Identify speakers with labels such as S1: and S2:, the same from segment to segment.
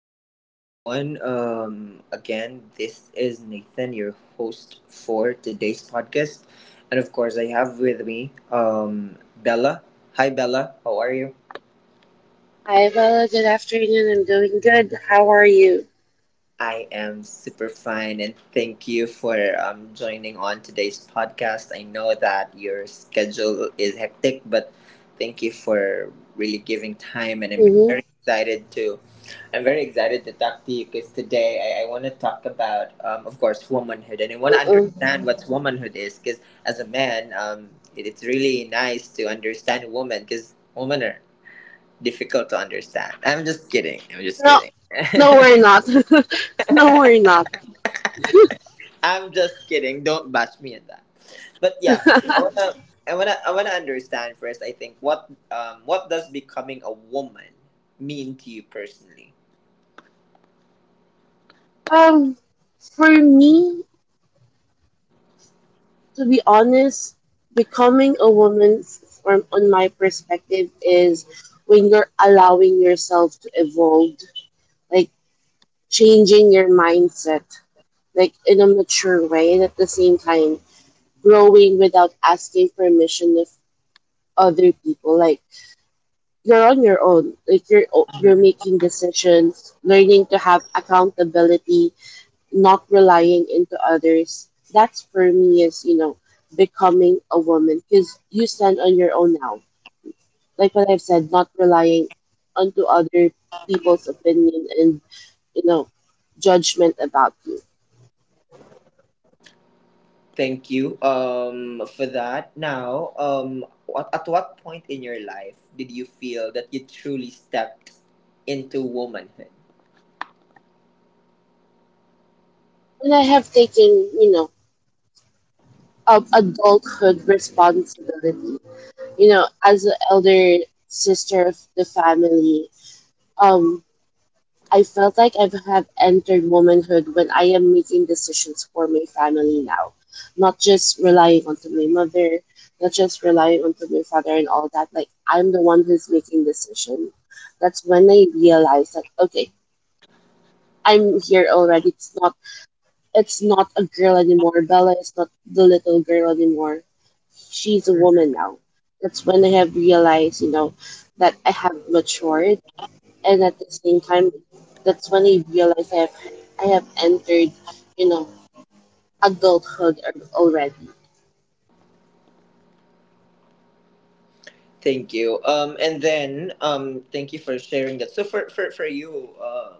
S1: afternoon, everyone. Again, this is Nathan, your host for today's podcast, and of course, I have with me Bella. Hi, Bella. How are you?
S2: Hi, Bella. Good afternoon. I'm doing good. How are you?
S1: I am super fine and thank you for joining on today's podcast. I know that your schedule is hectic, but thank you for really giving time and
S2: Mm-hmm.
S1: I'm very excited to talk to you because today I want to talk about of course womanhood and I want to
S2: Uh-uh.
S1: understand what womanhood is because as a man it's really nice to understand a woman, because women are difficult to understand. I'm just kidding. I'm just
S2: No,
S1: kidding.
S2: no, we're not. No, we're not.
S1: I'm just kidding. Don't bash me at that. But yeah, I wanna understand first. I think what does becoming a woman mean to you personally?
S2: Um, for me, to be honest, becoming a woman, from on my perspective, is when you're allowing yourself to evolve, like changing your mindset, like in a mature way, and at the same time growing without asking permission of other people, like. You're on your own, like you're making decisions, learning to have accountability, not relying into others. That's for me is, you know, becoming a woman, because you stand on your own now, like what I've said, not relying onto other people's opinion and, you know, judgment about you.
S1: Thank you, for that. Now, at what point in your life did you feel that you truly stepped into womanhood?
S2: And I have taken, you know, of adulthood responsibility, you know, as an elder sister of the family. um I felt like I have entered womanhood when I am making decisions for my family now, not just relying onto my mother, not just relying onto my father and all that. Like I'm the one who's making decision. That's when I realized that okay, I'm here already. It's not a girl anymore. Bella is not the little girl anymore. She's a woman
S1: Mhm.
S2: now. That's when I have realized, you know, that I have matured, and at the same time that's when I realized I have entered, you know, adulthood already.
S1: Thank you. Thank you for sharing that. So for you,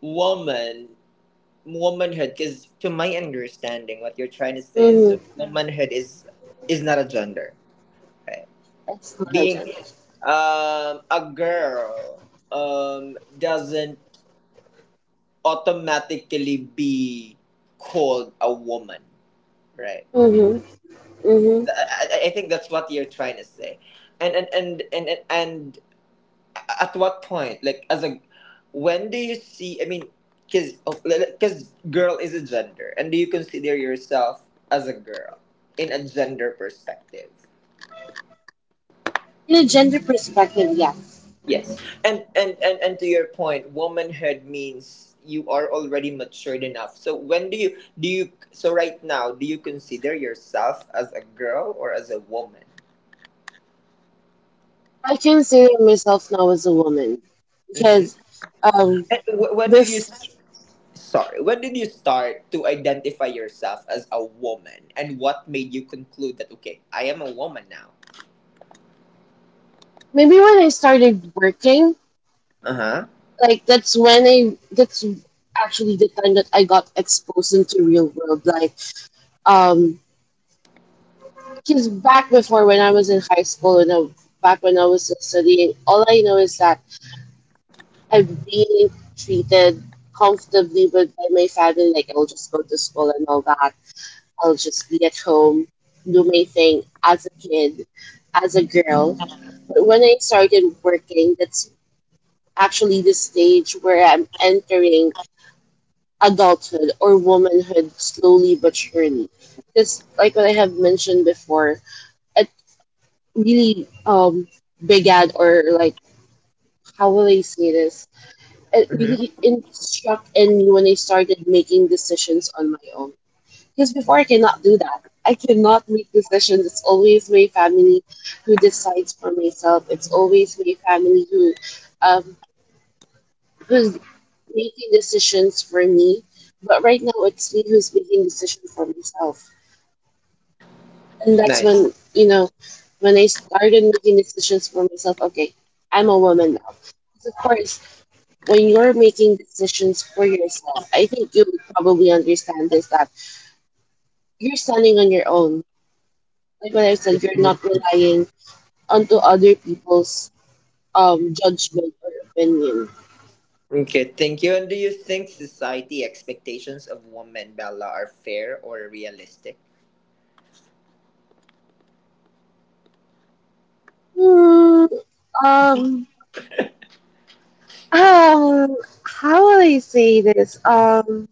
S1: woman. womanhood, because to my understanding what you're trying to say is
S2: Mm-hmm.
S1: womanhood is not a gender, okay,
S2: It's not a
S1: being
S2: gender.
S1: a girl doesn't automatically be called a woman, right?
S2: Mm-hmm. Mm-hmm.
S1: I I think that's what you're trying to say, and at what point, like, as a when do you see I mean because because girl is a gender, and do you consider yourself as a girl in a gender perspective?
S2: In a gender perspective, yes.
S1: Yes. And to your point, womanhood means you are already matured enough. So when do you right now do you consider yourself as a girl or as a woman?
S2: I consider myself now as a woman, because
S1: Mm-hmm.
S2: um
S1: And when did you—
S2: bef-
S1: Sorry, when did you start to identify yourself as a woman, and what made you conclude that okay, I am a woman now?
S2: maybe when I started working,
S1: Uh huh.
S2: like that's when I that's actually the time that I got exposed into real world, like, um because back before when I was in high school back when I was still studying, all I know is that I've been treated comfortably with by my family. Like I'll just go to school and all that. I'll just be at home, do my thing as a kid, as a girl. But when I started working, that's actually the stage where I'm entering adulthood or womanhood slowly but surely. Because, like what I have mentioned before, I. Really began, or like, how will I say this? It
S1: Hmm.
S2: really struck in me when I started making decisions on my own. Because before I cannot do that. I cannot make decisions. It's always my family who decides for myself. It's always my family who um who's making decisions for me. But right now it's me who's making decisions for myself. And that's
S1: Nice.
S2: when, you know, when I started making decisions for myself. Okay, I'm a woman now. 'Cause of course, when you're making decisions for yourself, I think you would probably understand this that you're standing on your own. Like what I said, you're not relying onto other people's judgment or opinion.
S1: Okay, thank you. And do you think society expectations of women, Bella, are fair or realistic?
S2: Hmm, um, um, how will I say this?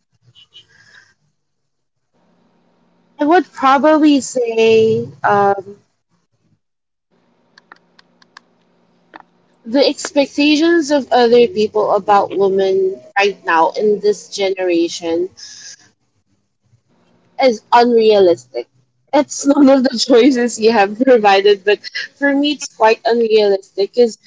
S2: I would probably say. The expectations of other people about women right now in this generation is unrealistic. It's none of the choices you have provided, but for me, it's quite unrealistic. Is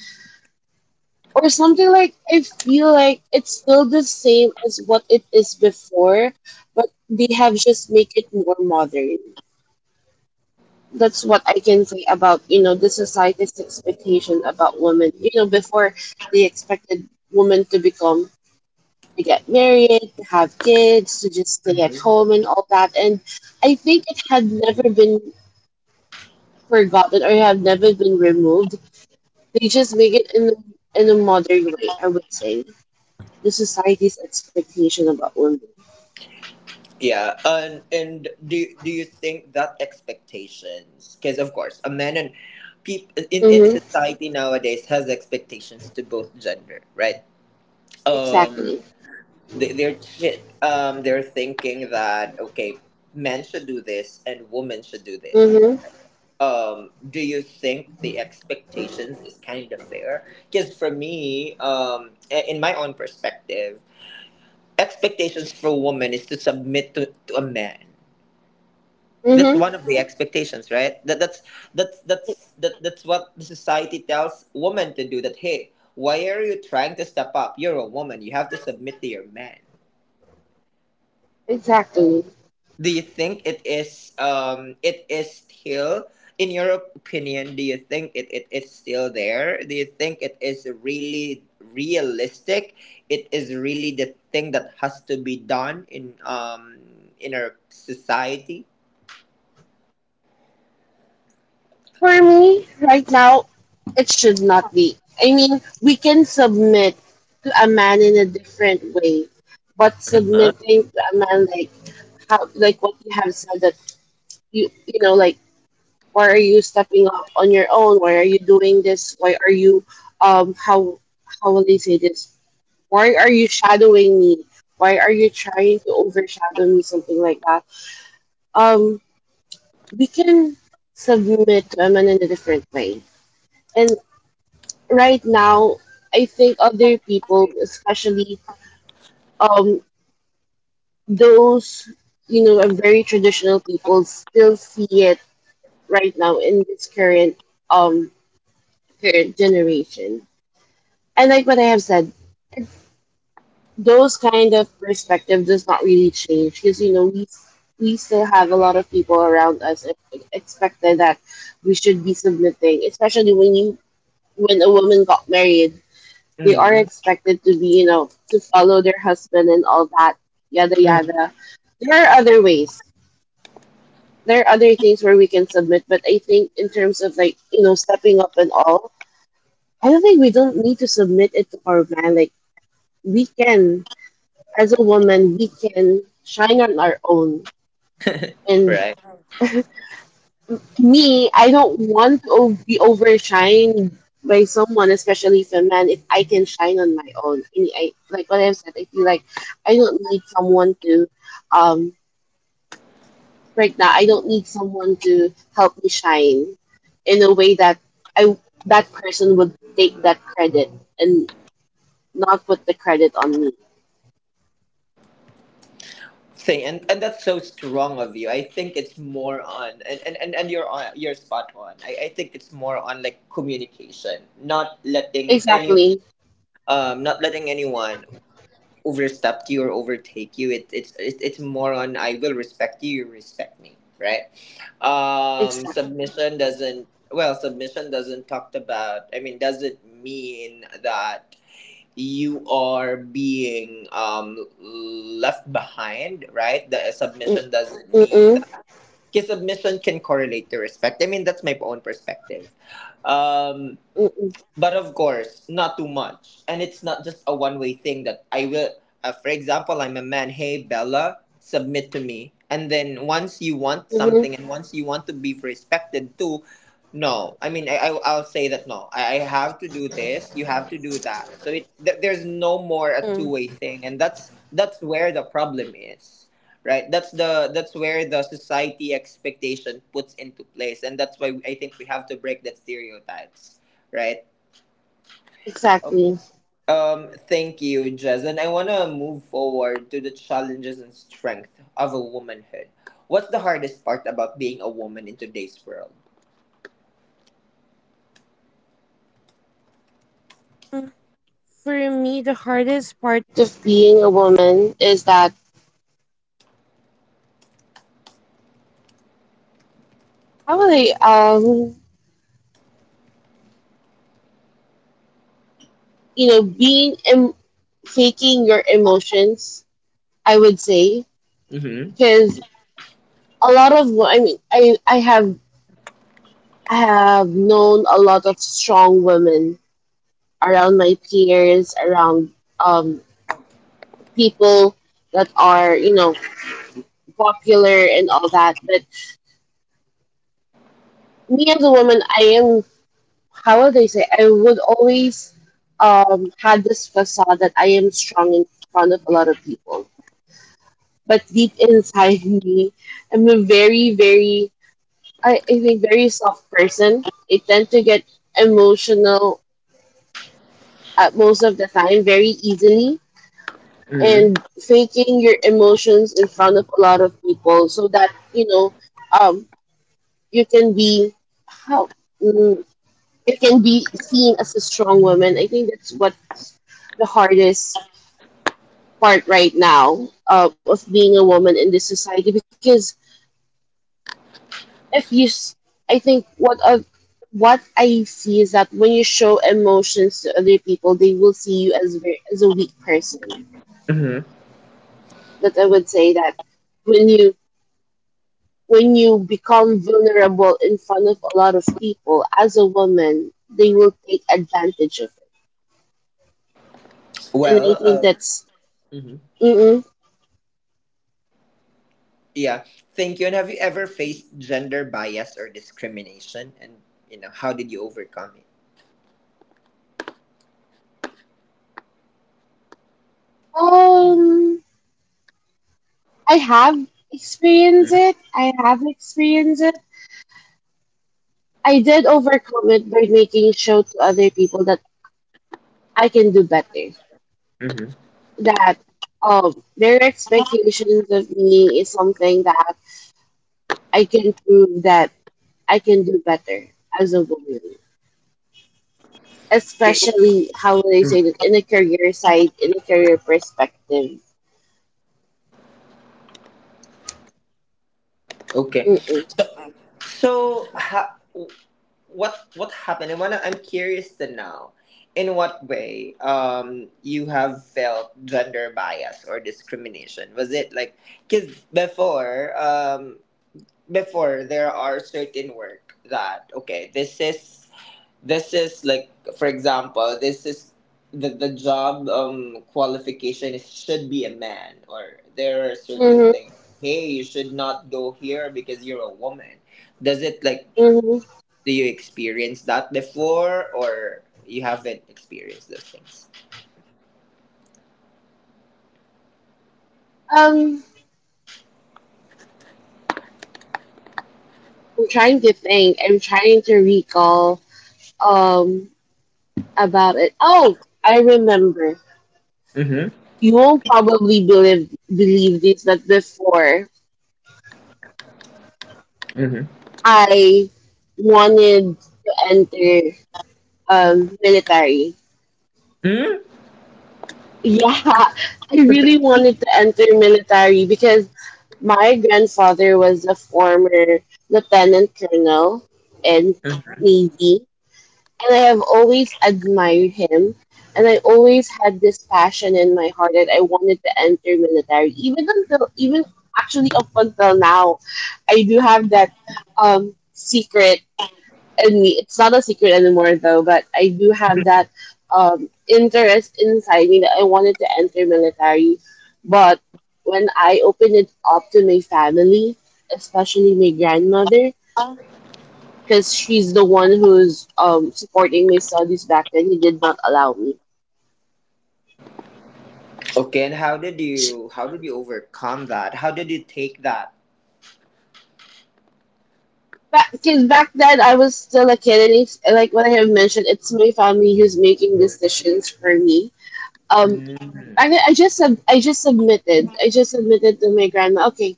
S2: or something like I feel like it's still the same as what it is before, but they have just make it more modern. That's what I can say about, you know, the society's expectation about women. You know, before they expected women to get married, to have kids, to just stay at
S1: Mhm.
S2: home and all that. And I think it had never been forgotten or had never been removed. They just make it in a modern way, I would say. The society's expectation about women.
S1: Yeah, and do do you think that expectations— because of course, a man and people in
S2: Mm-hmm.
S1: society nowadays has expectations to both gender, right? Um,
S2: Exactly.
S1: they- they're shit. They're thinking that okay, men should do this and women should do this.
S2: Mm-hmm.
S1: Do you think the expectations is kind of fair? Because for me, in my own perspective, expectations for women is to submit to a man.
S2: Mm-hmm.
S1: That's one of the expectations, right? That's what the society tells women to do. That hey, why are you trying to step up? You're a woman. You have to submit to your man.
S2: Exactly.
S1: Do you think it is, it is still, in your opinion, do you think it is still there, do you think it is really realistic, it is really the thing that has to be done in our society?
S2: For me, right now, it should not be. I mean, we can submit to a man in a different way, but submitting to a man like how, like what you have said, that you know, like why are you stepping up on your own, why are you doing this, why are you, um how how will they say this, why are you shadowing me, why are you trying to overshadow me, something like that. um we can submit to women in a different way. And right now I think other people, especially, um those, you know, are very traditional people, still see it right now in this current, um current generation. And like what I have said, those kind of perspective does not really change, because you know we still have a lot of people around us expected that we should be submitting, especially when you, when a woman got married, they are
S1: Hmm.
S2: expected to be, you know, to follow their husband and all that, yada yada. There are other ways. There are other things where we can submit, but I think in terms of, like, you know, stepping up and all, I don't think we don't need to submit it to our man. Like we can, as a woman, we can shine on our own. And
S1: Right.
S2: me, I don't want to be overshined by someone, especially if a man. If I can shine on my own, and I like what I've said. I feel like I don't need someone to, um, right now. I don't need someone to help me shine in a way that I, that person would take that credit and not put the credit on me.
S1: Thing, and that's so strong of you. I think it's more on— And you're on— you're spot on. I think it's more on like communication, not letting any
S2: Exactly.
S1: not letting anyone overstep you or overtake you. It, it's more on I will respect you, you respect me, right?
S2: Exactly.
S1: Submission doesn't— well, submission doesn't talk about— I mean, doesn't mean that you are being left behind, right? The submission doesn't mean
S2: Mm-mm.
S1: that. Because submission can correlate to respect. I mean, that's my own perspective. Um,
S2: Mm-mm.
S1: but of course, not too much. And it's not just a one way thing that I will, for example, I'm a man, hey, Bella, submit to me. And then once you want something and once you want to be respected too, no. I mean, I'll say that no. I have to do this, you have to do that. So there's no more a two-way thing. And that's where the problem is, right? That's where the society expectation puts into place, and that's why I think we have to break that stereotypes, right? Okay. Thank you, Jez. And I want to move forward to the challenges and strength of a womanhood. What's the hardest part about being a woman in today's world?
S2: Probably, you know, faking your emotions, I would say,
S1: Mm-hmm.
S2: because a lot of I mean, I have known a lot of strong women around my peers, around um people that are, you know, popular and all that. But me as a woman, I am, how would I say? I would always had this facade that I am strong in front of a lot of people, but deep inside me, I'm a very, very, I think, very soft person. I tend to get emotional at most of the time very easily, and
S1: Mm-hmm.
S2: faking your emotions in front of a lot of people so that, you know, um, you can be, how, mm, you can be seen as a strong woman. I think that's what the hardest part right now, of being a woman in this society. Because if you s- I think what I see is that when you show emotions to other people, they will see you as very, as a weak person.
S1: Mm-hmm.
S2: That I would say that, when you, when you become vulnerable in front of a lot of people as a woman, they will take advantage of it. And I
S1: Well,
S2: think that's,
S1: mhm.
S2: mm-mm.
S1: Yeah. Thank you. And have you ever faced gender bias or discrimination? And, you know, how did you overcome it?
S2: um I have experienced it. I have experienced it. I did overcome it by making show to other people that I can do better, that their expectations of me is something that I can prove that I can do better as a woman.
S1: Mm-hmm.
S2: Especially, how would I say that, in a career side, in a career perspective.
S1: Okay.
S2: Mm-mm.
S1: So, so ha- what happened— I wanna— I'm curious to know in what way you have felt gender bias or discrimination. Was it like, because before, there are certain work that, okay, this is— this is like for example, this is the job qualification is, should be a man, or there are certain things,
S2: Mm-hmm,
S1: hey, you should not go here because you're a woman. Does it, like,
S2: mm-hmm.
S1: do you experience that before, or you haven't experienced those things?
S2: Um, I'm trying to think. I'm trying to recall um about it. Oh, I remember.
S1: Mm-hmm.
S2: You won't probably believe this, but before
S1: Mm-hmm.
S2: I wanted to enter, military.
S1: Mm.
S2: Yeah, I really wanted to enter military because my grandfather was a former lieutenant colonel in Navy, and I have always admired him. And I always had this passion in my heart that I wanted to enter military, even until even actually up until now, I do have that secret, and it's not a secret anymore though, but I do have that interest inside me, that I wanted to enter military. But when I opened it up to my family, especially my grandmother, because she's the one who's, supporting my studies back then, he did not allow me.
S1: Okay, and how did
S2: She,
S1: you— how did you overcome that? How did you take that?
S2: back, 'cause back then I was still a kid, and it's like what I have mentioned, it's my family who's making decisions for me. um,
S1: Mm.
S2: I just submitted. I just submitted to my grandma. Okay,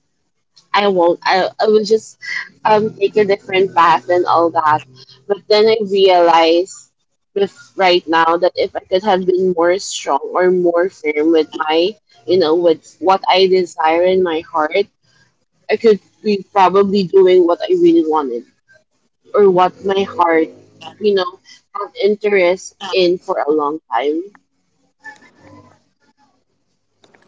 S2: I won't. I will just take a different path and all that. But then I realize with right now, that if I could have been more strong or more firm with my, you know, with what I desire in my heart, I could be probably doing what I really wanted, or what my heart, you know, had interest in for a long time.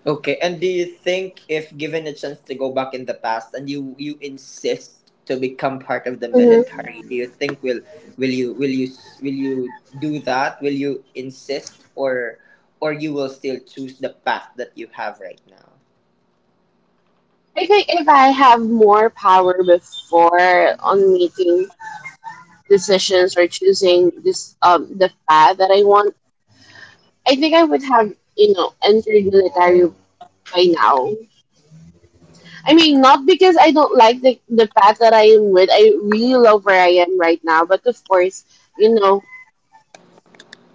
S1: Okay, and do you think if given a chance to go back in the past and you insist to become part of the
S2: Hmm.
S1: military, do you think will— will you will you do that? Will you insist, or you will still choose the path that you have right now?
S2: I think if I have more power before on making decisions or choosing this, um, the path that I want, I think I would have, you know, entered military by now. I mean, not because I don't like the path that I am with. I really love where I am right now, but of course, you know,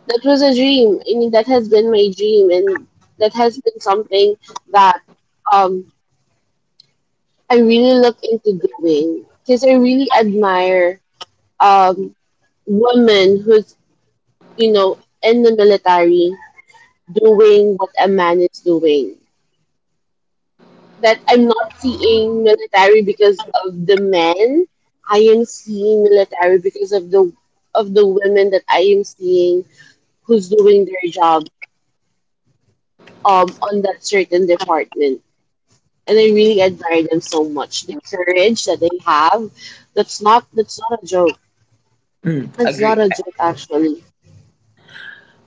S2: that was a dream. I mean, that has been my dream, and that has been something that um I really look into doing, because I really admire um women who's, you know, in the military, doing what a man is doing. That I'm not seeing military because of the men. I am seeing military because of the women that I am seeing who's doing their job on that certain department. And I really admire them so much. The courage that they have. That's not a joke.
S1: Mm.
S2: That's not
S1: Agree.
S2: a joke actually.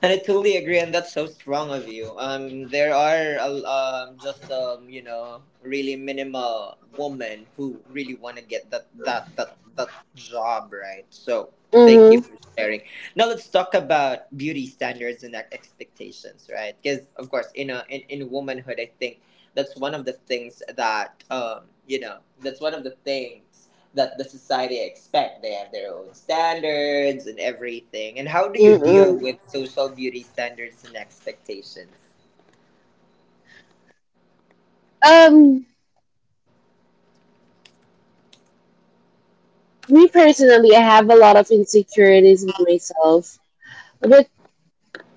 S1: And I totally agree, and that's so strong of you. There are a- just you know, really minimal women who really want to get that that job, right? So thank you
S2: Mm-hmm.
S1: for sharing. Now let's talk about beauty standards and expectations, right? Because of course, in in womanhood, I think that's one of the things that you know that's one of the things that the society expect. They have their own standards and everything. And how do you deal
S2: Mm-mm.
S1: with social beauty standards and expectations?
S2: Um Me personally, I have a lot of insecurities with myself. But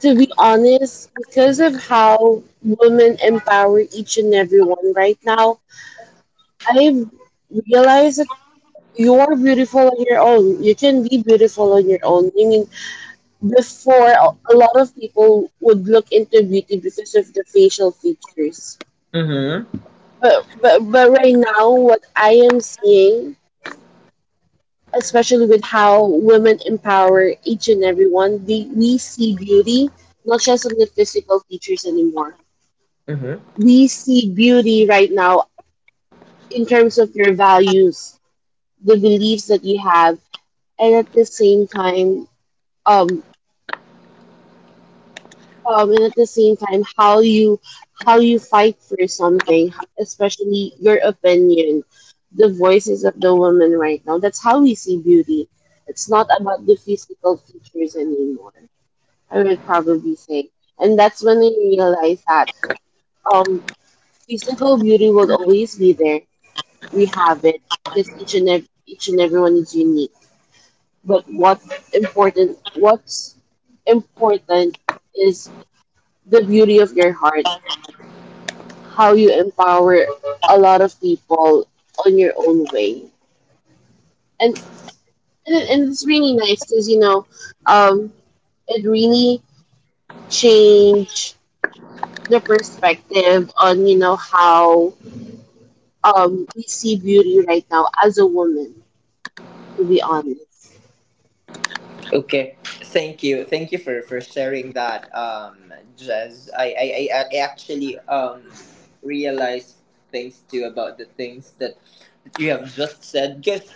S2: to be honest, because of how women empower each and every one right now, I've realized that you're beautiful on your own. You can be beautiful on your own. I mean, before, a lot of people would look into beauty because of the facial features.
S1: Mm-hmm.
S2: But right now, what I am seeing, especially with how women empower each and every one, they, we see beauty not just on the physical features anymore.
S1: Mm-hmm.
S2: We see beauty right now in terms of your values, the beliefs that you have, and at the same time, um, and at the same time, how you fight for something, especially your opinion, the voices of the women right now. That's how we see beauty. It's not about the physical features anymore. I would probably say, and that's when I realized that um, physical beauty will always be there. We have it because each and everyone is unique. But what's important is the beauty of your heart, how you empower a lot of people on your own way, and and it's really nice because um, it really changed the perspective on you know how we see beauty right now as a woman. To be honest.
S1: Okay. Thank you. Thank you for sharing that, Jez. I actually realized things too about the things that you have just said because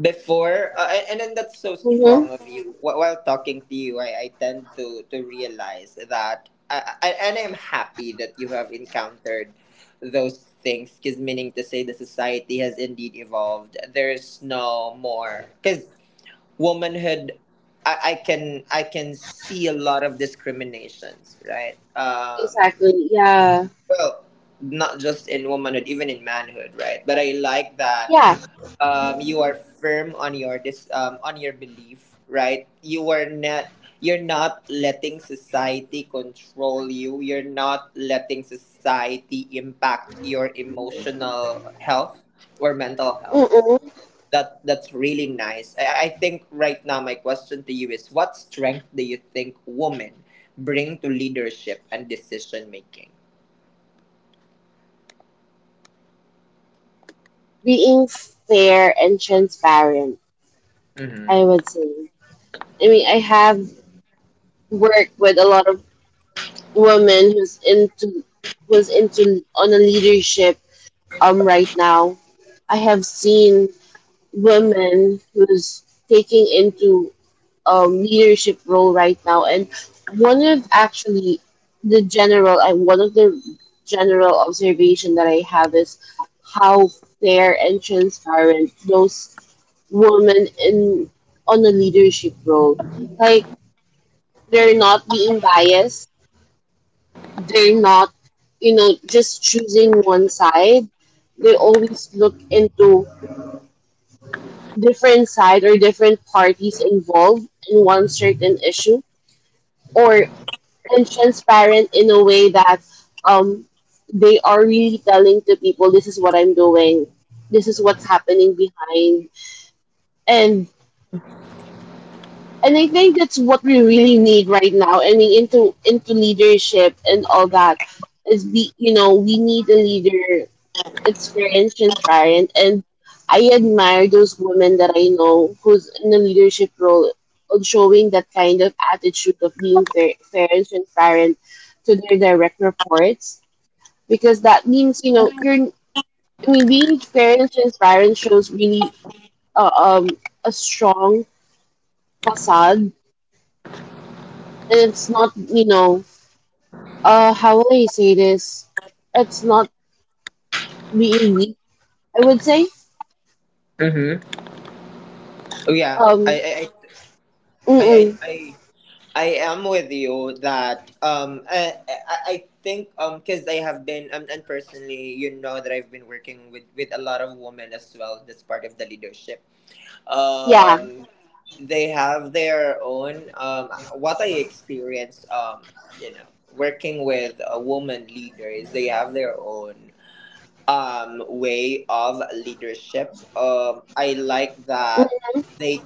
S1: and then that's so
S2: Mm-hmm.
S1: strong of you. While talking to you, I tend to realize that and I'm happy that you have encountered those things, because meaning to say the society has indeed evolved. There's no more— because womanhood, I can— I can see a lot of discriminations, right? Um,
S2: Exactly. Yeah.
S1: well, not just in womanhood, even in manhood, right? But I like that
S2: Yeah.
S1: you are firm on your this on your belief, right? You are not— you're not letting society control you, you're not letting society impact your emotional health or mental health.
S2: Mm-mm.
S1: That that's really nice. I think right now my question to you is what strength do you think women bring to leadership and decision making?
S2: Being fair and transparent, I
S1: Mm-hmm.
S2: would say. I mean, I have worked with a lot of women who's into on a leadership right now. I have seen women who's taking into leadership role right now, and one of actually one of the general observation that I have is how fair and transparent those women in on a leadership role. Like they're not being biased. They're not, you know, just choosing one side. They always look into different side or different parties involved in one certain issue or and transparent in a way that um they are really telling to people this is what I'm doing, this is what's happening behind, and and I think that's what we really need right now. I mean, into leadership and all that is be you know we need a leader that's fair and transparent. And I admire those women that I know who's in a leadership role, on showing that kind of attitude of being fair and transparent to their direct reports, because that means you know you're. I mean, being fair and transparent shows really uh, um a strong facade, and it's not you know how will I say this? It's not being weak, I would say.
S1: Mm-hmm. Oh yeah.
S2: um
S1: I, I i i
S2: mm-mm.
S1: i I I am with you that I think um, because I have been and personally you know that I've been working with a lot of women as well that's part of the leadership,
S2: Yeah.
S1: um they have their own what I experienced, you know, working with a woman leaders, they have their own way of leadership. I like that they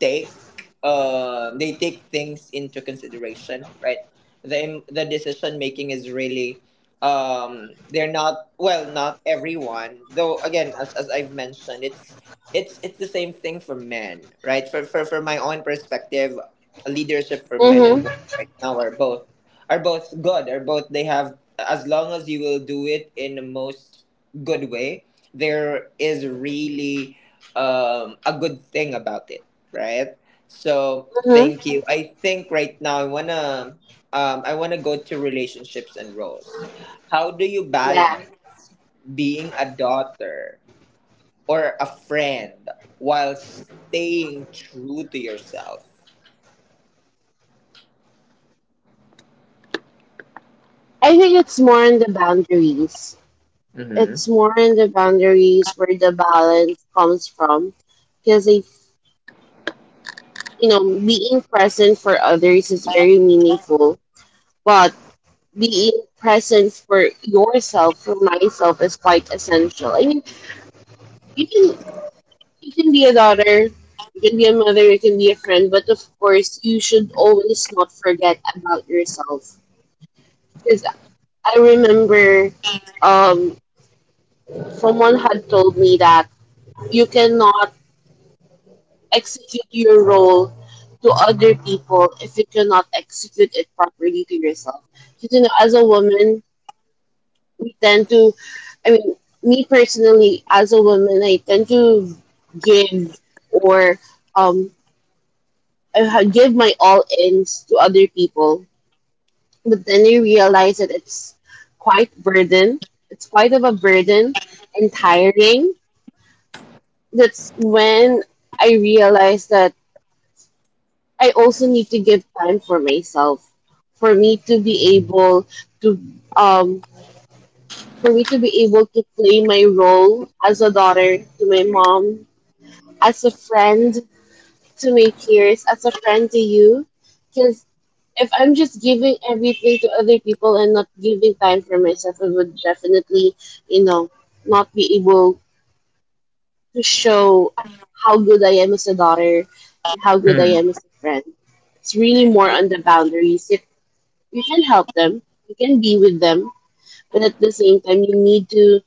S1: take they take things into consideration, right? The decision making is really they're not— well, not everyone, though— again, as I've mentioned, it's the same thing for men, right? For my own perspective, leadership for men and
S2: Mm-hmm.
S1: women right now are both good, are both they have— as long as you will do it in the most good way, there is really a good thing about it, right? So
S2: Mm-hmm.
S1: thank you. I think right now I wanna go to relationships and roles. How do you
S2: Yeah.
S1: balance being a daughter or a friend while staying true to yourself?
S2: I think it's more in the boundaries.
S1: Mm-hmm.
S2: It's more in the boundaries where the balance comes from, because I you know being present for others is very meaningful, but being present for yourself for myself is quite essential. I mean, you can You can be a daughter, you can be a mother, you can be a friend, but of course, you should always not forget about yourself. Because I remember um, someone had told me that you cannot execute your role to other people if you cannot execute it properly to yourself. Because, you know, as a woman, we tend to, I mean, me personally, as a woman, I tend to give or um, give my all ins to other people, but then you realize that it's quite burden. It's quite of a burden and tiring. That's when I realized that I also need to give time for myself, for me to be able to um play my role as a daughter to my mom, as a friend to my peers, as a friend to you, because if I'm just giving everything to other people and not giving time for myself, I would definitely, you know, not be able to show how good I am as a daughter and how good I am as a friend. It's really more
S1: And
S2: on the boundaries. If you can help them, you can be with them, but at the same time,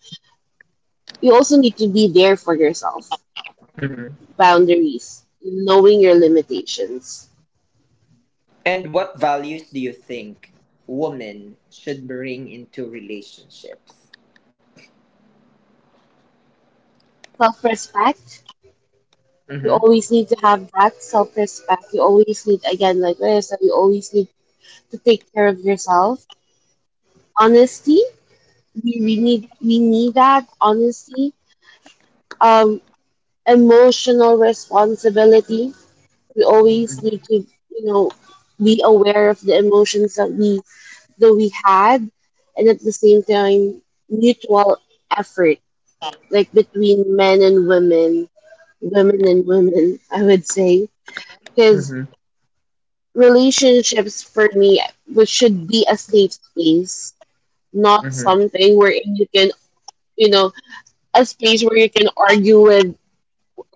S2: you also need to be there for yourself.
S1: mm-hmm.
S2: Boundaries, knowing your limitations,
S1: And what values do you think women should bring into relationships?
S2: self respect. You
S1: Mm-hmm.
S2: always need to have that self respect. You always need, again, like what I said, you always need to take care of yourself. Honesty, we need that honesty. Um, Emotional responsibility. We always need to, you know, be aware of the emotions that we had, and at the same time, mutual effort, like between men and women, women and women. I would say because.
S1: Mm-hmm.
S2: Relationships for me which should be a safe space, not something where you can you know a space where you can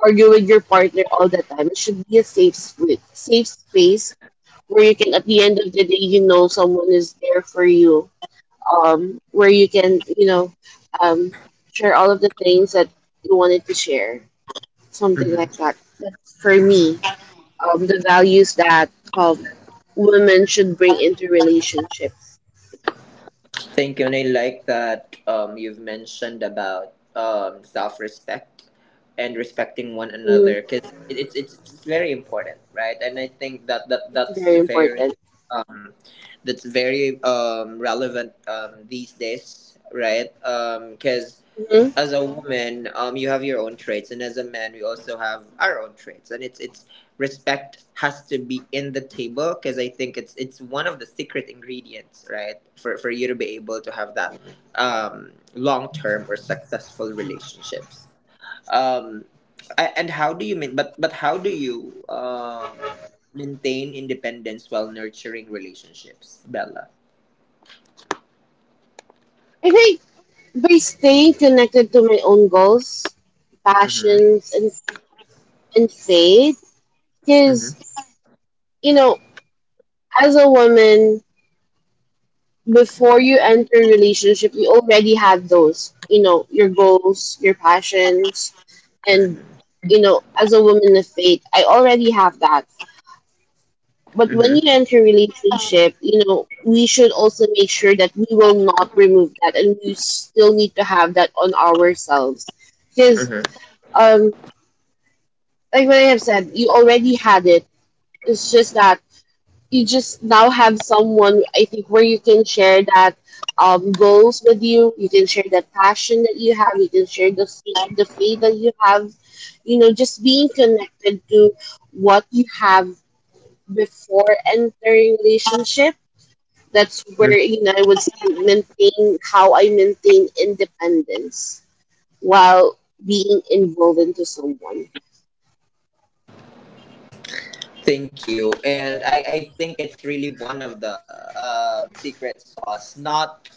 S2: argue with your partner all the time. It should be a safe space where you can at the end of the day you know someone is there for you. Where you can you know um, share all of the things that you wanted to share, something like
S1: Hmm.
S2: that. That's for me the values that um, women should bring into relationship.
S1: Thank you, and I like that you've mentioned about self-respect and respecting one
S2: Mm,
S1: another, because it's it's very important, right? And I think that, that
S2: it's very important.
S1: um, that's very relevant these days, right? Because
S2: Hmm.
S1: as a woman, you have your own traits, and as a man, we also have our own traits, and it's respect has to be in the table, because I think it's one of the secret ingredients, right, for you to be able to have that long term or successful relationships. Um, and how do you mean? But how do you maintain independence while nurturing relationships, Bella?
S2: I think by staying connected to my own goals,
S1: Mm-hmm.
S2: passions, and faith,
S1: Mm-hmm.
S2: because you know, as a woman, before you enter a relationship, you already have those, you know, your goals, your passions, and
S1: Mm-hmm.
S2: you know, as a woman of faith, I already have that. But when you enter relationship, you know, we should also make sure that we will not remove that and we still need to have that on ourselves. Because
S1: Mm-hmm.
S2: um like what I have said, you already had it. It's just that you just now have someone I think where you can share that goals with you, you can share that passion that you have, you can share the faith that you have, you know, just being connected to what you have before entering relationship. That's where you know I would say maintain how I maintain independence while being involved into someone.
S1: Thank you. And I think it's really one of the secret sauce. Not,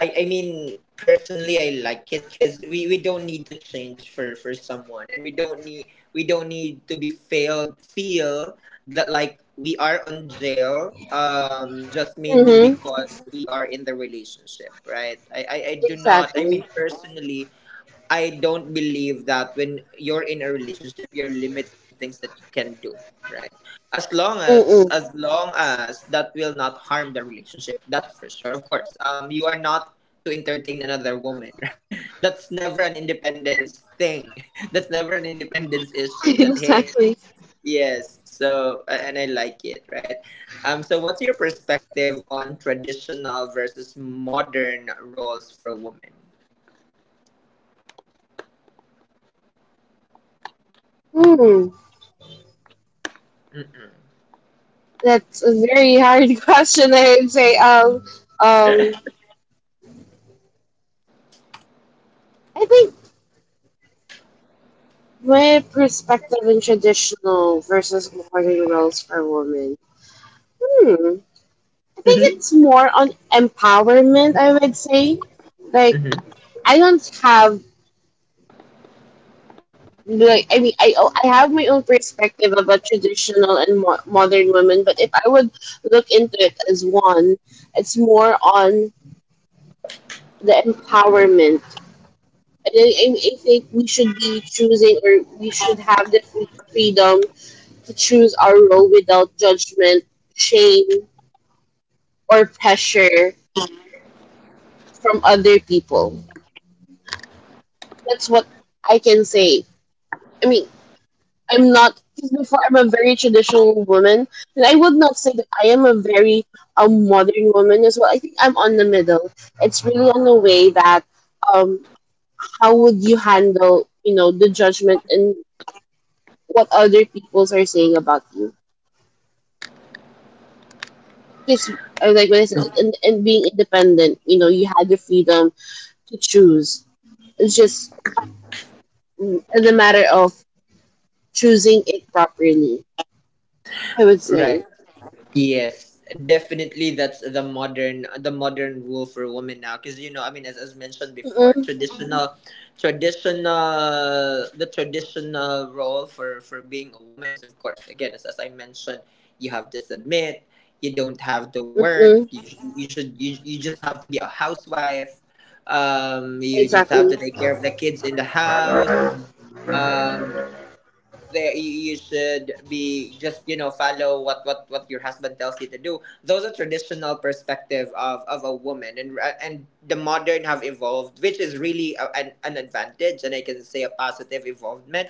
S1: I mean, personally, I like it because we don't need to change for someone. And we don't need to feel that like we are on jail, just mainly
S2: Mm-hmm.
S1: because we are in the relationship, right? I do not, I mean,
S2: Exactly.
S1: personally, I don't believe that when you're in a relationship, you're limited on things that you can do, right?
S2: Mm-mm.
S1: As long as that will not harm the relationship, that's for sure. Of course, you are not to entertain another woman. That's never an independence thing. That's never an independence issue. That hey,
S2: Exactly.
S1: yes. So and I like it, right? So what's your perspective on traditional versus modern roles for women?
S2: Hmm. That's a very hard question, I would say. Um. I think my perspective in traditional versus modern roles for women. Hmm. I think
S1: Hmm
S2: it's more on empowerment, I would say, like
S1: hmm
S2: I don't have like I mean I oh, I have my own perspective about traditional and modern women, but if I would look into it as one, it's more on the empowerment. And I think we should be choosing, or we should have the freedom to choose our role without judgment, shame, or pressure from other people. That's what I can say. I mean, I'm not because before I'm a very traditional woman, and I would not say that I am a modern woman as well. I think I'm on the middle. It's really on the way that um how would you handle you know the judgment and what other peoples are saying about you? Because like what I said, and being independent, you know, you had the freedom to choose. It's just the matter of choosing it properly, I would
S1: Right.
S2: say.
S1: Yes, definitely. That's the modern rule for women now, because you know, I mean, as mentioned before,
S2: Mm-mm,
S1: the traditional role for being a woman is, of course, again, as I mentioned, you have to submit. You don't have to
S2: mm-mm,
S1: work. You just have to be a housewife. You just have
S2: exactly.
S1: to take care of the kids in the house. Um, you should be just, you know, follow what your husband tells you to do. Those are traditional perspective of a woman. And and the modern have evolved, which is really an advantage, and I can say a positive evolvement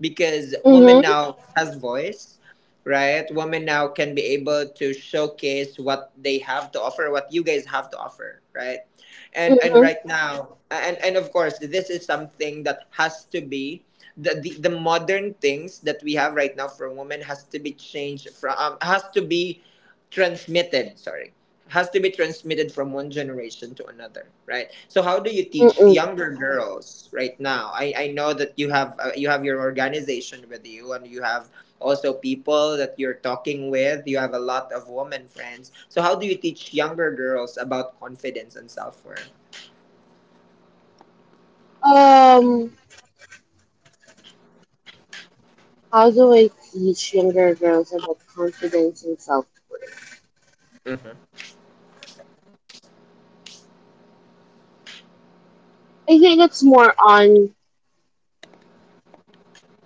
S1: because women
S2: Mm-hmm.
S1: now has voice, right? Women now can be able to showcase what they have to offer, what you guys have to offer, right? And
S2: Mm-hmm.
S1: right now, and of course, this is something that has to be, the the modern things that we have right now for women has to be changed from, transmitted sorry has to be transmitted from one generation to another, right? So how do you teach
S2: Mm-mm.
S1: younger girls right now? I know that you have your organization with you, and you have also people that you're talking with. You have a lot of women friends. So how do you teach younger girls about confidence and self-worth?
S2: Um, how do I teach younger girls about confidence and self?
S1: Hmm
S2: I think it's more on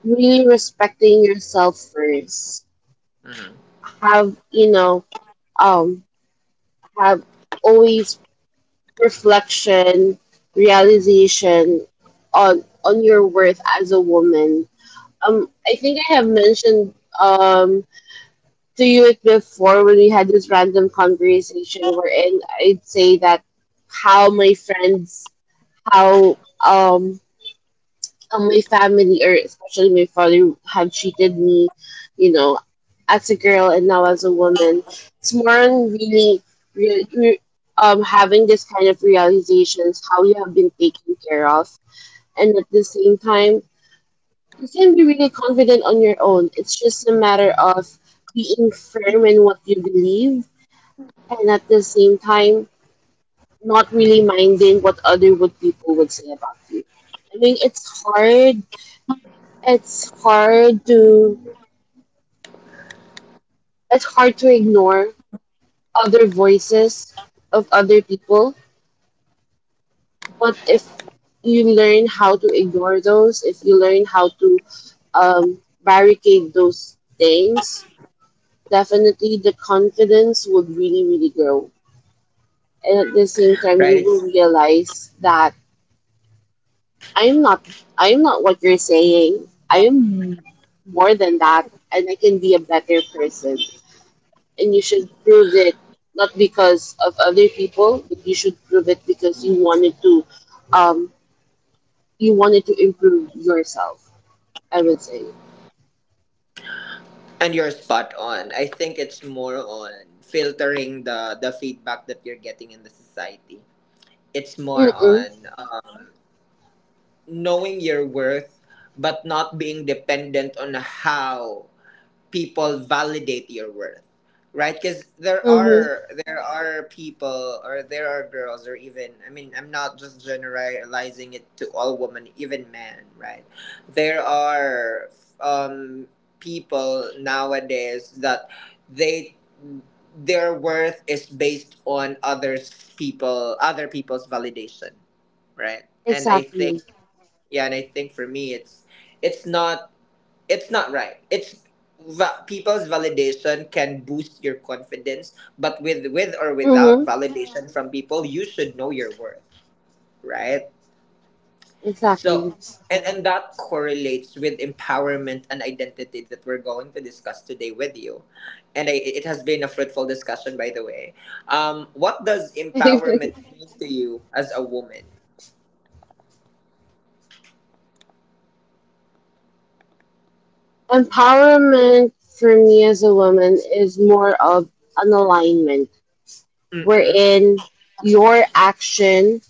S2: really respecting yourself first. Have, you know, um, have always reflection, realization on your worth as a woman. I think I have mentioned um to you it before when we had this random conversation wherein I'd say that how my friends how um my family or especially my father have treated me, you know, as a girl and now as a woman. It's more on really, re re- having this kind of realizations how you have been taken care of, and at the same time you can be really confident on your own. It's just a matter of being firm in what you believe, and at the same time not really minding what other would people would say about you. I mean, it's hard to it's hard to ignore other voices of other people. But if you learn how to ignore those, if you learn how to barricade those things, definitely the confidence would really grow. And at the
S1: right.
S2: same
S1: It's
S2: time you will realize that i'm not I'm not what you're saying I am. More than that, and I can be a better person. And you should prove it, not because of other people, but you should prove it because um, you wanted to improve yourself, I would say.
S1: and you're spot on. I think it's more on filtering the feedback that you're getting in the society. It's more
S2: Mm-mm.
S1: on knowing your worth, but not being dependent on how people validate your worth, right? Because there
S2: Mm-hmm.
S1: are there are people, or there are girls, or even, I mean, I'm not just generalizing it to all women, even men, right? There are, um people nowadays that they their worth is based on other people's validation, right? and I
S2: Exactly.
S1: think yeah, and I think for me it's not it's not right. It's, people's validation can boost your confidence, but with or without
S2: Mm-hmm.
S1: validation from people, you should know your worth, right? So,
S2: Exactly.
S1: and that correlates with empowerment and identity that we're going to discuss today with you. And I, it has been a fruitful discussion, by the way. Um, what does empowerment mean to you as a woman?
S2: Empowerment for me as a woman is more of an alignment
S1: Mm-mm.
S2: wherein your action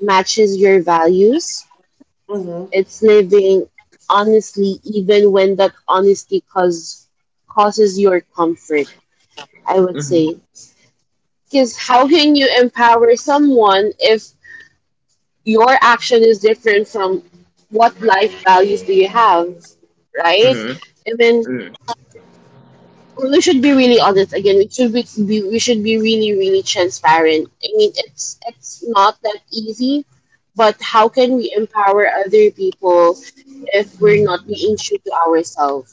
S2: matches your values. It's living honestly, even when that honesty causes your comfort, I would
S1: Mm-hmm.
S2: say. Because how can you empower someone if your action is different from what life values do you have, right?
S1: Mm-hmm.
S2: I mean,
S1: Mm-hmm.
S2: we should be really honest again. We should be we should be really transparent. I mean, it's not that easy, but how can we empower other people if we're not being true to ourselves?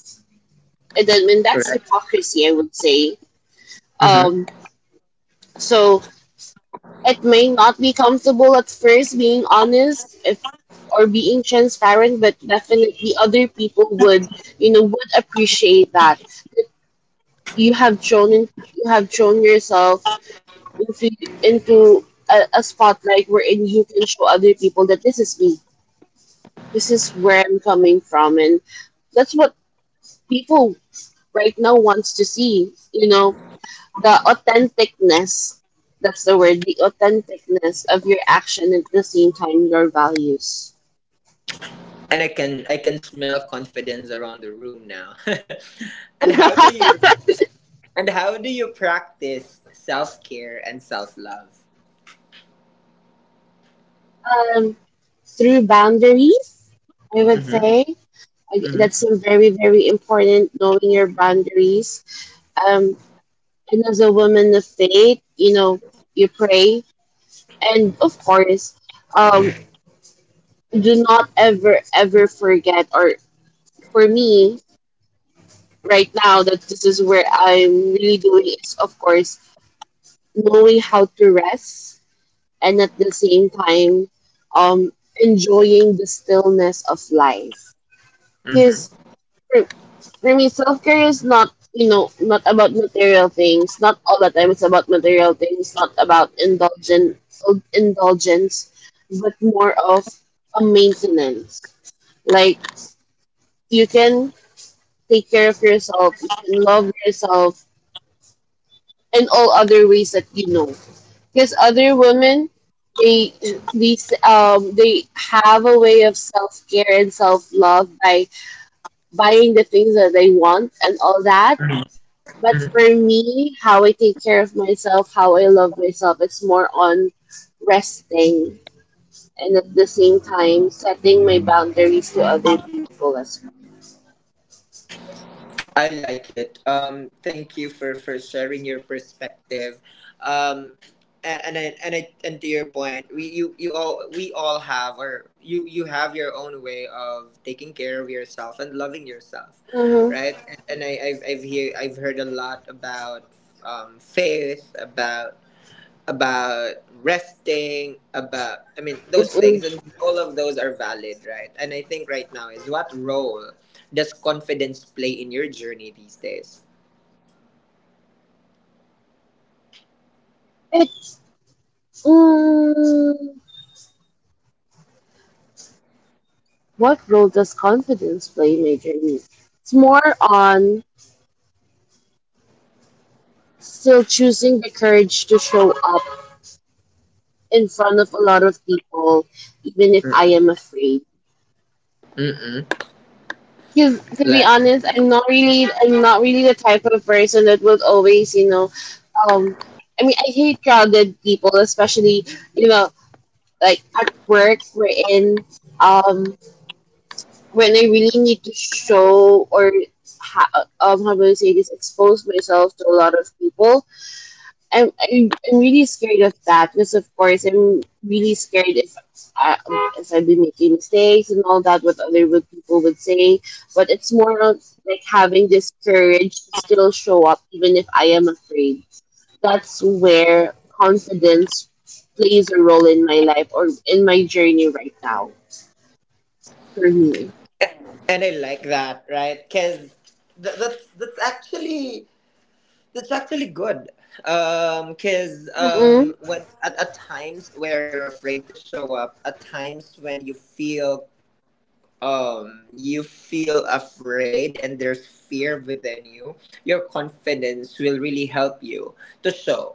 S2: And that's
S1: Correct.
S2: hypocrisy, I would say. um so it may not be comfortable at first being honest, if or being transparent, but definitely other people would, you know, would appreciate that, that you have thrown in, you have thrown yourself into into a spotlight wherein you can show other people that this is me, this is where I'm coming from. And that's what people right now wants to see, you know, the authenticness, that's the word, the authenticness of your action at the same time your values.
S1: And I can smell confidence around the room now. and
S2: um,
S1: how do you and how do you practice self care and self love?
S2: Through boundaries, I would
S1: Mm-hmm.
S2: say. That's very important, knowing your boundaries. um, and as a woman of faith, you know, you pray. And of course, um, do not ever forget, or for me right now that this is where I'm really doing is of course knowing how to rest. And at the same time, um enjoying the stillness of life.
S1: Mm-hmm.
S2: Because for, for me self-care is not, you know, not about material things, not all the time it's about material things, not about indulgent indulgence, but more of a maintenance. Like you can take care of yourself, you can love yourself in all other ways that you know. Because other women, they, these they have a way of self care and self love by buying the things that they want and all that.
S1: Mm-hmm.
S2: But for me, how I take care of myself, how I love myself, it's more on resting and at the same time setting my boundaries to other people as well.
S1: I like it. Thank you for sharing your perspective. Um, and to your point, we all have, or you have your own way of taking care of yourself and loving yourself,
S2: Mm-hmm.
S1: right? And, and I've heard a lot about faith, about resting, about, I mean, those
S2: Mm-mm.
S1: things, and all of those are valid, right? And I think right now is, what role does confidence play in your journey these days?
S2: It, mm, what role does confidence play majorly? It's more on still choosing the courage to show up in front of a lot of people, even if I
S1: Mm-mm.
S2: am afraid.
S1: Mm-mm.
S2: Because to be
S1: Like,
S2: honest, I'm not really the type of person that would always, you know, um, I mean, I hate crowded people, especially, you know, like at work, um, when I really need to show, how do I say this, expose myself to a lot of people. I'm really scared of that, because of course I'm really scared if I, if I'd be making mistakes and all that, what other would people would say. But it's more of like having this courage to still show up even if I am afraid. That's where confidence plays a role in my life or in my journey right now, for me.
S1: and I like that, right? Cause that's that's actually good. Cause
S2: Mm-mm,
S1: when at times where you're afraid to show up, at times when you feel, you feel afraid and there's fear within you, your confidence will really help you to show,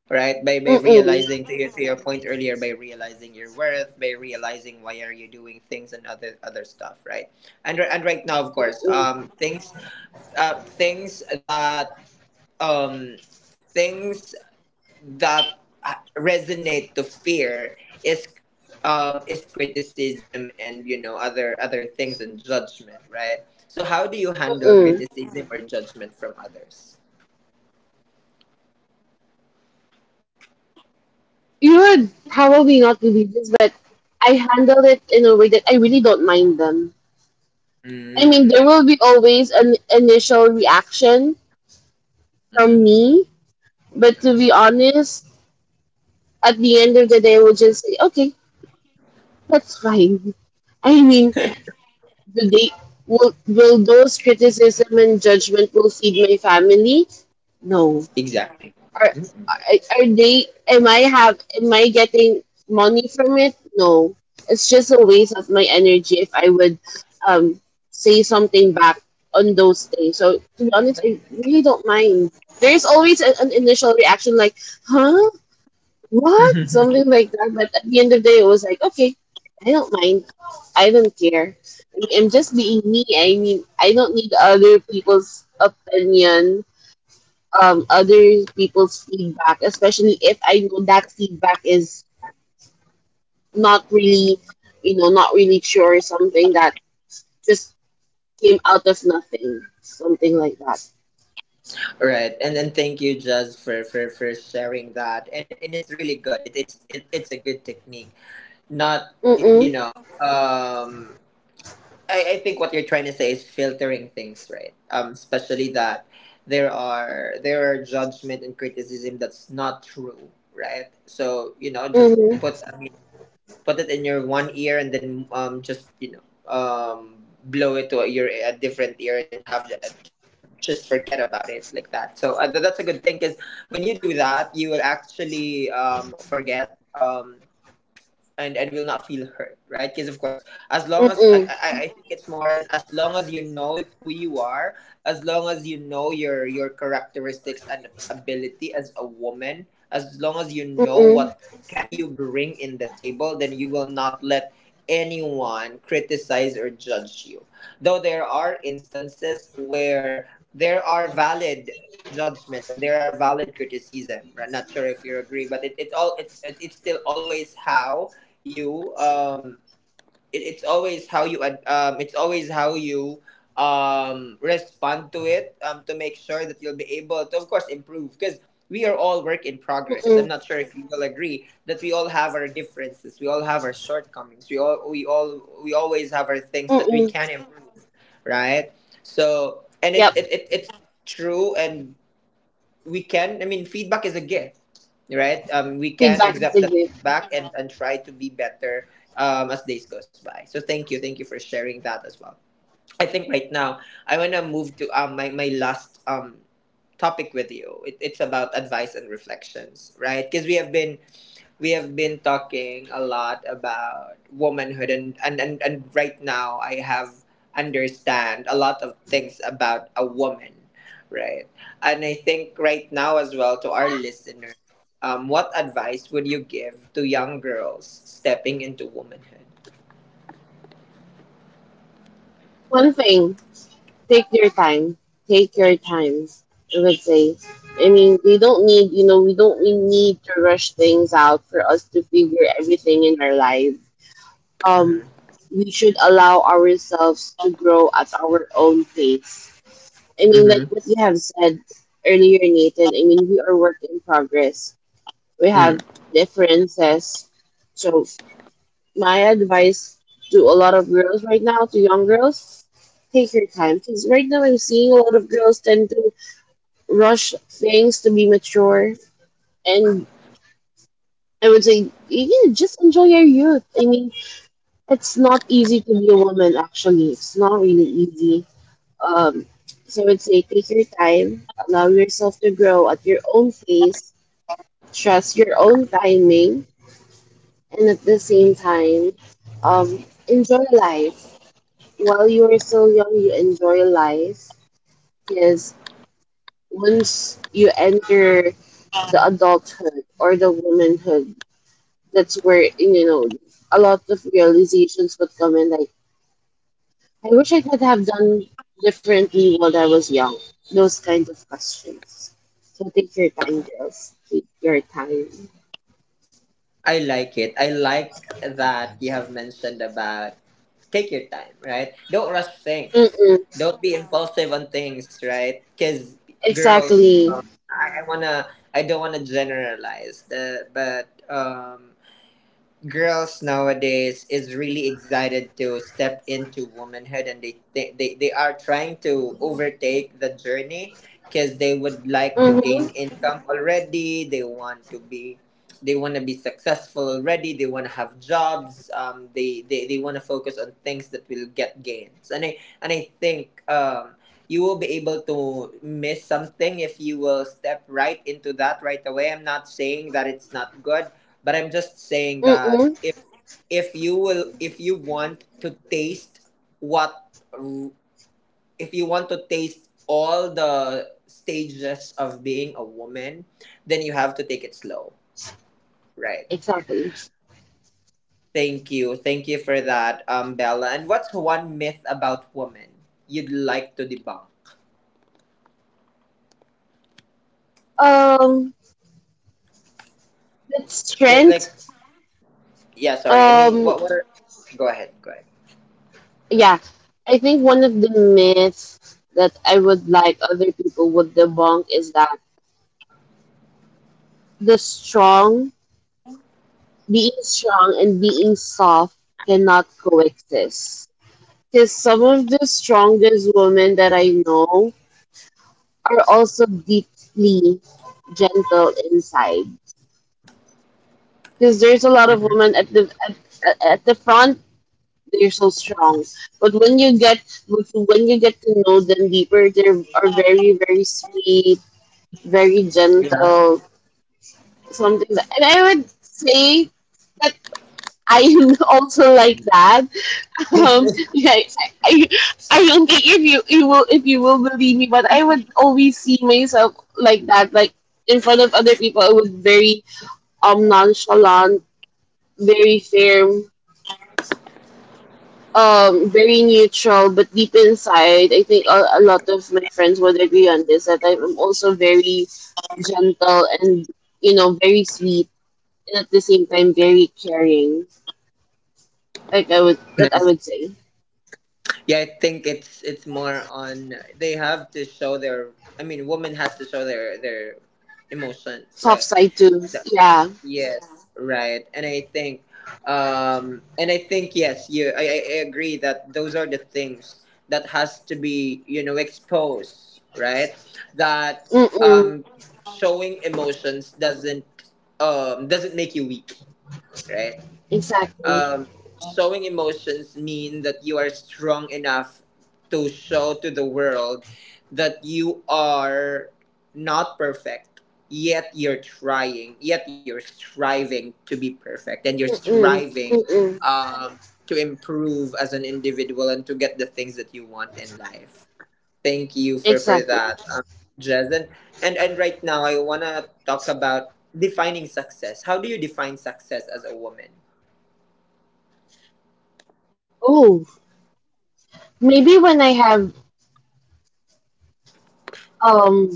S1: right? By realizing
S2: mm-mm,
S1: to, your, to your point earlier, by realizing your worth, by realizing why are you doing things and other other stuff, right? And right now, of course,
S2: mm-mm,
S1: things, uh things that um things that resonate to fear is, is criticism, and you know, other other things and judgment, right? So how do you handle
S2: mm-mm.
S1: criticism or judgment from others?
S2: You would probably not believe this, but I handled it in a way that I really don't mind them. I mean, there
S1: Mm.
S2: will be always an initial reaction from
S1: mm-hmm.
S2: me, but to be
S1: Mm-hmm.
S2: honest, at the end of the day, we'll just say, okay, that's fine. I mean, do they, will those criticism and judgment will feed my family? No.
S1: Exactly.
S2: Are,
S1: Mm-mm.
S2: are are they? Am I have? Am I getting money from it? No. It's just a waste of my energy if I would um say something back on those things. So to be honest, I really don't mind. There's always an initial reaction like, "Huh? What?" Something like that. But at the end of the day, it was like, "Okay, I don't mind. I don't care. I mean, I'm just being me. I mean, I don't need other people's opinion." Other people's feedback, especially if I know that feedback is not really, you know, not really true or something that just came out of nothing, something like that.
S1: Right, and then thank you, Jazz, for sharing that, and it, and it's really good. It, it's a good technique. Not y- You
S2: Mm-mm,
S1: know, um, I think what you're trying to say is filtering things, right? Um, especially that there are judgment and criticism that's not true, right? So, you know, just
S2: mm-hmm,
S1: put, I mean, put it in your one ear, and then, um, just, you know, um, blow it to your a different ear, and have, just forget about it like that. So, that's a good thing, because when you do that, you will actually, um, forget, um, and will not feel hurt, right? Because of course, as long as, I,
S2: mm-mm,
S1: I think it's more, and as long as you know who you are, as long as you know your characteristics and ability as a woman, as long as you know
S2: mm-mm,
S1: what can you bring in the table, then you will not let anyone criticize or judge you, though there are instances where there are valid judgment, and there are valid criticism, right? Not sure if you agree, but it all it's it's still always how you, it, it's always how you, it's always how you, um, respond to it, um, to make sure that you'll be able to, of course, improve, because we are all work in progress.
S2: mm-mm,
S1: I'm not sure if you will agree that we all have our differences, we all have our shortcomings, we always have our things that we
S2: mm-mm.
S1: can improve, right? So, and
S2: Yep,
S1: it's true. And we can, I mean, feedback is a gift, right? Um, we can
S2: feedback is a
S1: accept that
S2: gift.
S1: feedback and try to be better um, as days goes by. So thank you, thank you for sharing that as well. I think right now, I want to move to, um, my last, um, topic with you. It's about advice and reflections, right? Because we have been talking a lot about womanhood, and right now I have understand a lot of things about a woman, right? And I think right now as well, to our listeners, what advice would you give to young girls stepping into womanhood?
S2: One thing, take your time. Take your time, I would say. I mean, we don't need, you know, we don't we need to rush things out for us to figure everything in our lives. um,
S1: Mm-hmm.
S2: we should allow ourselves to grow at our own pace. I mean, like
S1: Mm-hmm.
S2: what you have said earlier, Nathan, I mean, we are work in progress. We have differences. So, my advice to a lot of girls right now, to young girls, take your time. Because right now, I'm seeing a lot of girls tend to rush things to be mature. And I would say, yeah, just enjoy your youth. I mean, it's not easy to be a woman, actually it's not really easy. um so I would say take your time, allow yourself to grow at your own pace, trust your own timing, and at the same time um enjoy life. While you are still young, you enjoy life. Because once you enter the adulthood or the womanhood, that's where, you know, a lot of realizations would come in, like, I wish I could have done differently while I was young. Those kind of questions. So take your time, girls. Take your time.
S1: I like it. I like that you have mentioned about take your time, right? Don't rush things.
S2: Mm-mm.
S1: Don't be impulsive on things, right? Because girls,
S2: Exactly.
S1: I, I wanna, I don't wanna generalize, but girls nowadays is really excited to step into womanhood, and they are trying to overtake the journey, because they would like to
S2: Mm-hmm.
S1: gain income already, they want to be successful already, they want to have jobs, they want to focus on things that will get gains. And I think, you will be able to miss something if you will step right into that right away. I'm not saying that it's not good, but I'm just saying that
S2: Mm-mm.
S1: if you will, if you want to taste what, if you want to taste all the stages of being a woman, then you have to take it slow, right?
S2: Exactly.
S1: Thank you. Thank you for that, Bella. And what's one myth about women you'd like to debunk?
S2: Um, that's
S1: Like,
S2: strength.
S1: yeah, sorry. I mean,
S2: Um,
S1: what are. Go ahead. Go ahead.
S2: yeah. I think one of the myths that I would like other people would debunk is that the strong, being strong and being soft cannot coexist. Because some of the strongest women that I know are also deeply gentle inside. Because there's a lot of women at the front, they're so strong, but when you get but when you get to know them deeper, they are very sweet, very gentle, something. That, and I would say that I am also like that. Yeah, I, don't think if you, you will, if you will believe me, but I would always see myself like that, like in front of other people. I was very nonchalant, very firm, very neutral, but deep inside, I think a lot of my friends would agree on this that I'm also very gentle and, you know, very sweet, and at the same time very caring. Like I would
S1: No,
S2: that I would say
S1: Yeah, I think it's more on they have to show their. I mean, woman has to show their emotions,
S2: soft
S1: right?
S2: side too.
S1: The,
S2: Yeah.
S1: yes, right. And I think yes, you. I I agree that those are the things that has to be, you know, exposed, right? That
S2: Mm-mm.
S1: um, showing emotions doesn't make you weak, right?
S2: Exactly.
S1: Um, showing emotions mean that you are strong enough to show to the world that you are not perfect, yet you're trying, yet you're striving to be perfect, and you're
S2: Mm,
S1: striving,
S2: mm-mm,
S1: um, to improve as an individual and to get the things that you want in life. Thank you for
S2: exactly.
S1: that, Jez. And, and right now I want to talk about defining success. How do you define success as a woman?
S2: Oh, maybe when I have um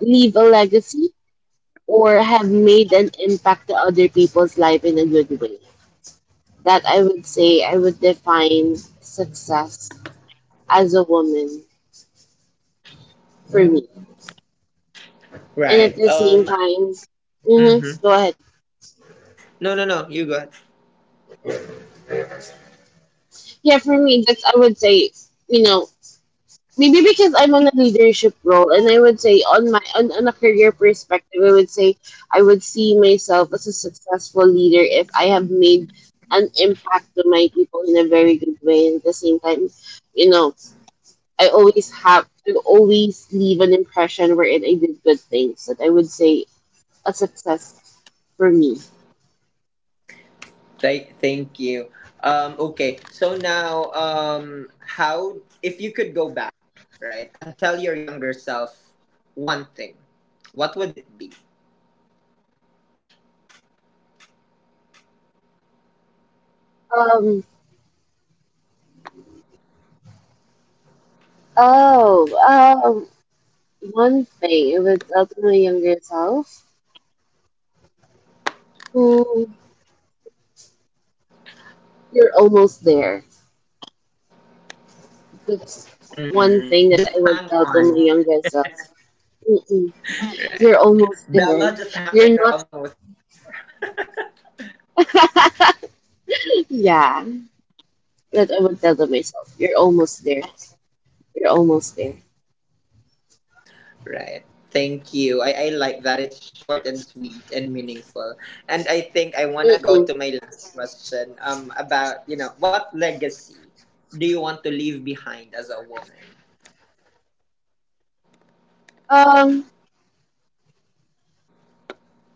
S2: leave a legacy or have made an impact to other people's life in a good way. That I would say I would define success as a woman, for me. And at
S1: Right.
S2: the same time,
S1: Mhm.
S2: mm-hmm, go ahead.
S1: No, no, no. You got.
S2: Yeah, for me, that's I would say, you know, maybe because I'm on a leadership role, and I would say on my on a career perspective, I would say I would see myself as a successful leader if I have made an impact to my people in a very good way. And at the same time, you know, I always have to always leave an impression wherein I did good things. That I would say a success for me.
S1: Right, thank you. Um, okay. So now, how if you could go back, right, and tell your younger self one thing, what would it be?
S2: Um. Oh. One thing I would tell to my younger self, who, you're almost there. That's one
S1: Hmm
S2: thing that
S1: Just
S2: I would
S1: hang
S2: tell to my
S1: on.
S2: younger self. Mm-mm,
S1: Right.
S2: you're almost there.
S1: Bella, just hang on.
S2: You're
S1: You're
S2: not.
S1: almost.
S2: Yeah, that I would tell to myself. You're almost there. You're almost there.
S1: Right. Thank you. I like that. It's short and sweet and meaningful. And I think I want to go
S2: Mm-mm.
S1: to my last question, about, you know, what legacy do you want to leave behind as a woman?
S2: Um,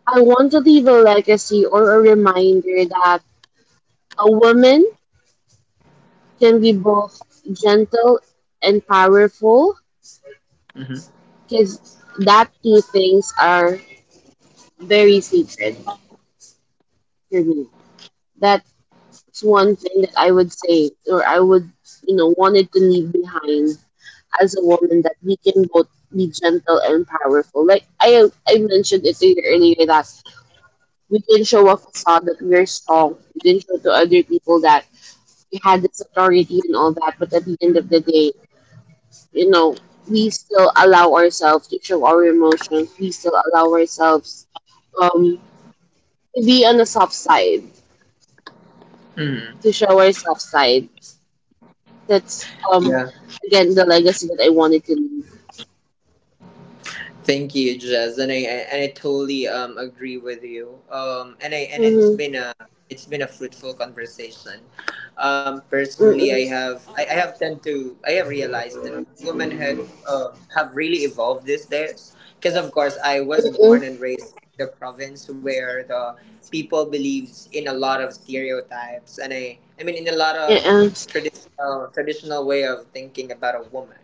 S2: I want to leave a legacy or a reminder that a woman can be both gentle and powerful,
S1: Mm-hmm.
S2: because that two things are very sacred for me. That, that's one thing that I would say, or I would, you know, wanted to leave behind as a woman, that we can both be gentle and powerful. I mentioned it to you earlier that we can show a facade that we're strong. We can show to other people that we had this authority and all that, but at the end of the day, you know, we still allow ourselves to show our emotions. We still allow ourselves, um, to be on the soft side, to
S1: hmm
S2: show our soft side. That's
S1: Yeah.
S2: again the legacy that I wanted to leave.
S1: Thank you, Jazz, and I totally agree with you. And I, and it's
S2: Mhm.
S1: been a, it's been a fruitful conversation.
S2: Mm
S1: Personally,
S2: mm.
S1: I have tend to I have realized that women had have really evolved these days, because of course, I was born and raised in the province where the people believes in a lot of stereotypes, and I mean in a lot of
S2: Mm.
S1: traditional way of thinking about a woman,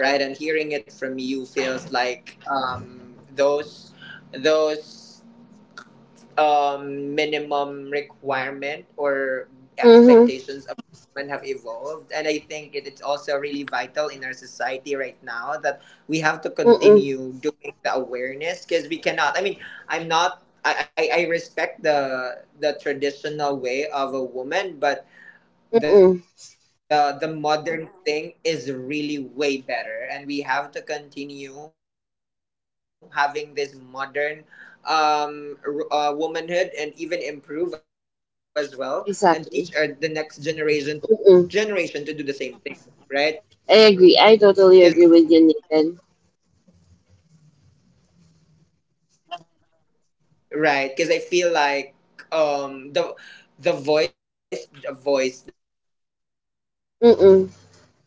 S1: right? And hearing it from you feels like, those minimum requirement or
S2: Mhm.
S1: expectations of women have evolved. And I think it, it's also really vital in our society right now that we have to continue doing the awareness, because we cannot. I mean, I'm not. I I respect the traditional way of a woman, but
S2: Mm
S1: the
S2: mm.
S1: modern thing is really way better, and we have to continue having this modern, um, womanhood, and even improve as well, and teach our, the next generation to do the
S2: Exactly.
S1: same thing, right? Because we
S2: Mm.
S1: cannot go back to where we used to be in the past,
S2: I
S1: because
S2: agree.
S1: I
S2: I
S1: feel
S2: totally
S1: like,
S2: agree with you, Nathan.
S1: right, because I feel like, um, the voice of the womanhood before is way limited versus the voice that a woman could have these
S2: Mm.
S1: days,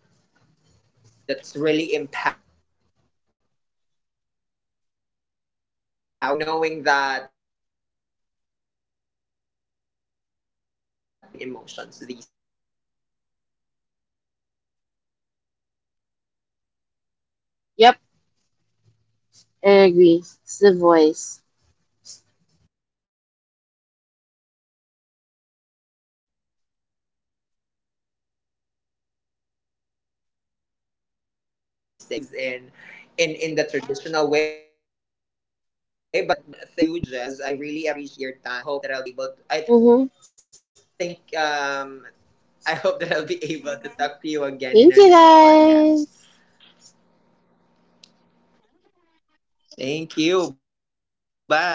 S1: right? Um, it's really empowered right now, it's really, it's really fulfilling knowing that both gender is really equal when it comes to expressing emotions these days. There's no more discriminations, and at some point there are people who believes in,
S2: Yep.
S1: in the
S2: I
S1: traditional way,
S2: agree.
S1: but
S2: It's
S1: of
S2: the
S1: course we
S2: voice.
S1: respect them, but that doesn't, yes, we respect them, but that doesn't mean that they'll con- we will let them control us. Right. Yeah, so thank you, Jez. I really appreciate your time, and I hope that I'll be able, I
S2: Mhm.
S1: think um, I hope that I'll be able to talk to you again in our
S2: Thank
S1: next
S2: you,
S1: podcast.
S2: guys.
S1: Thank you. Bye.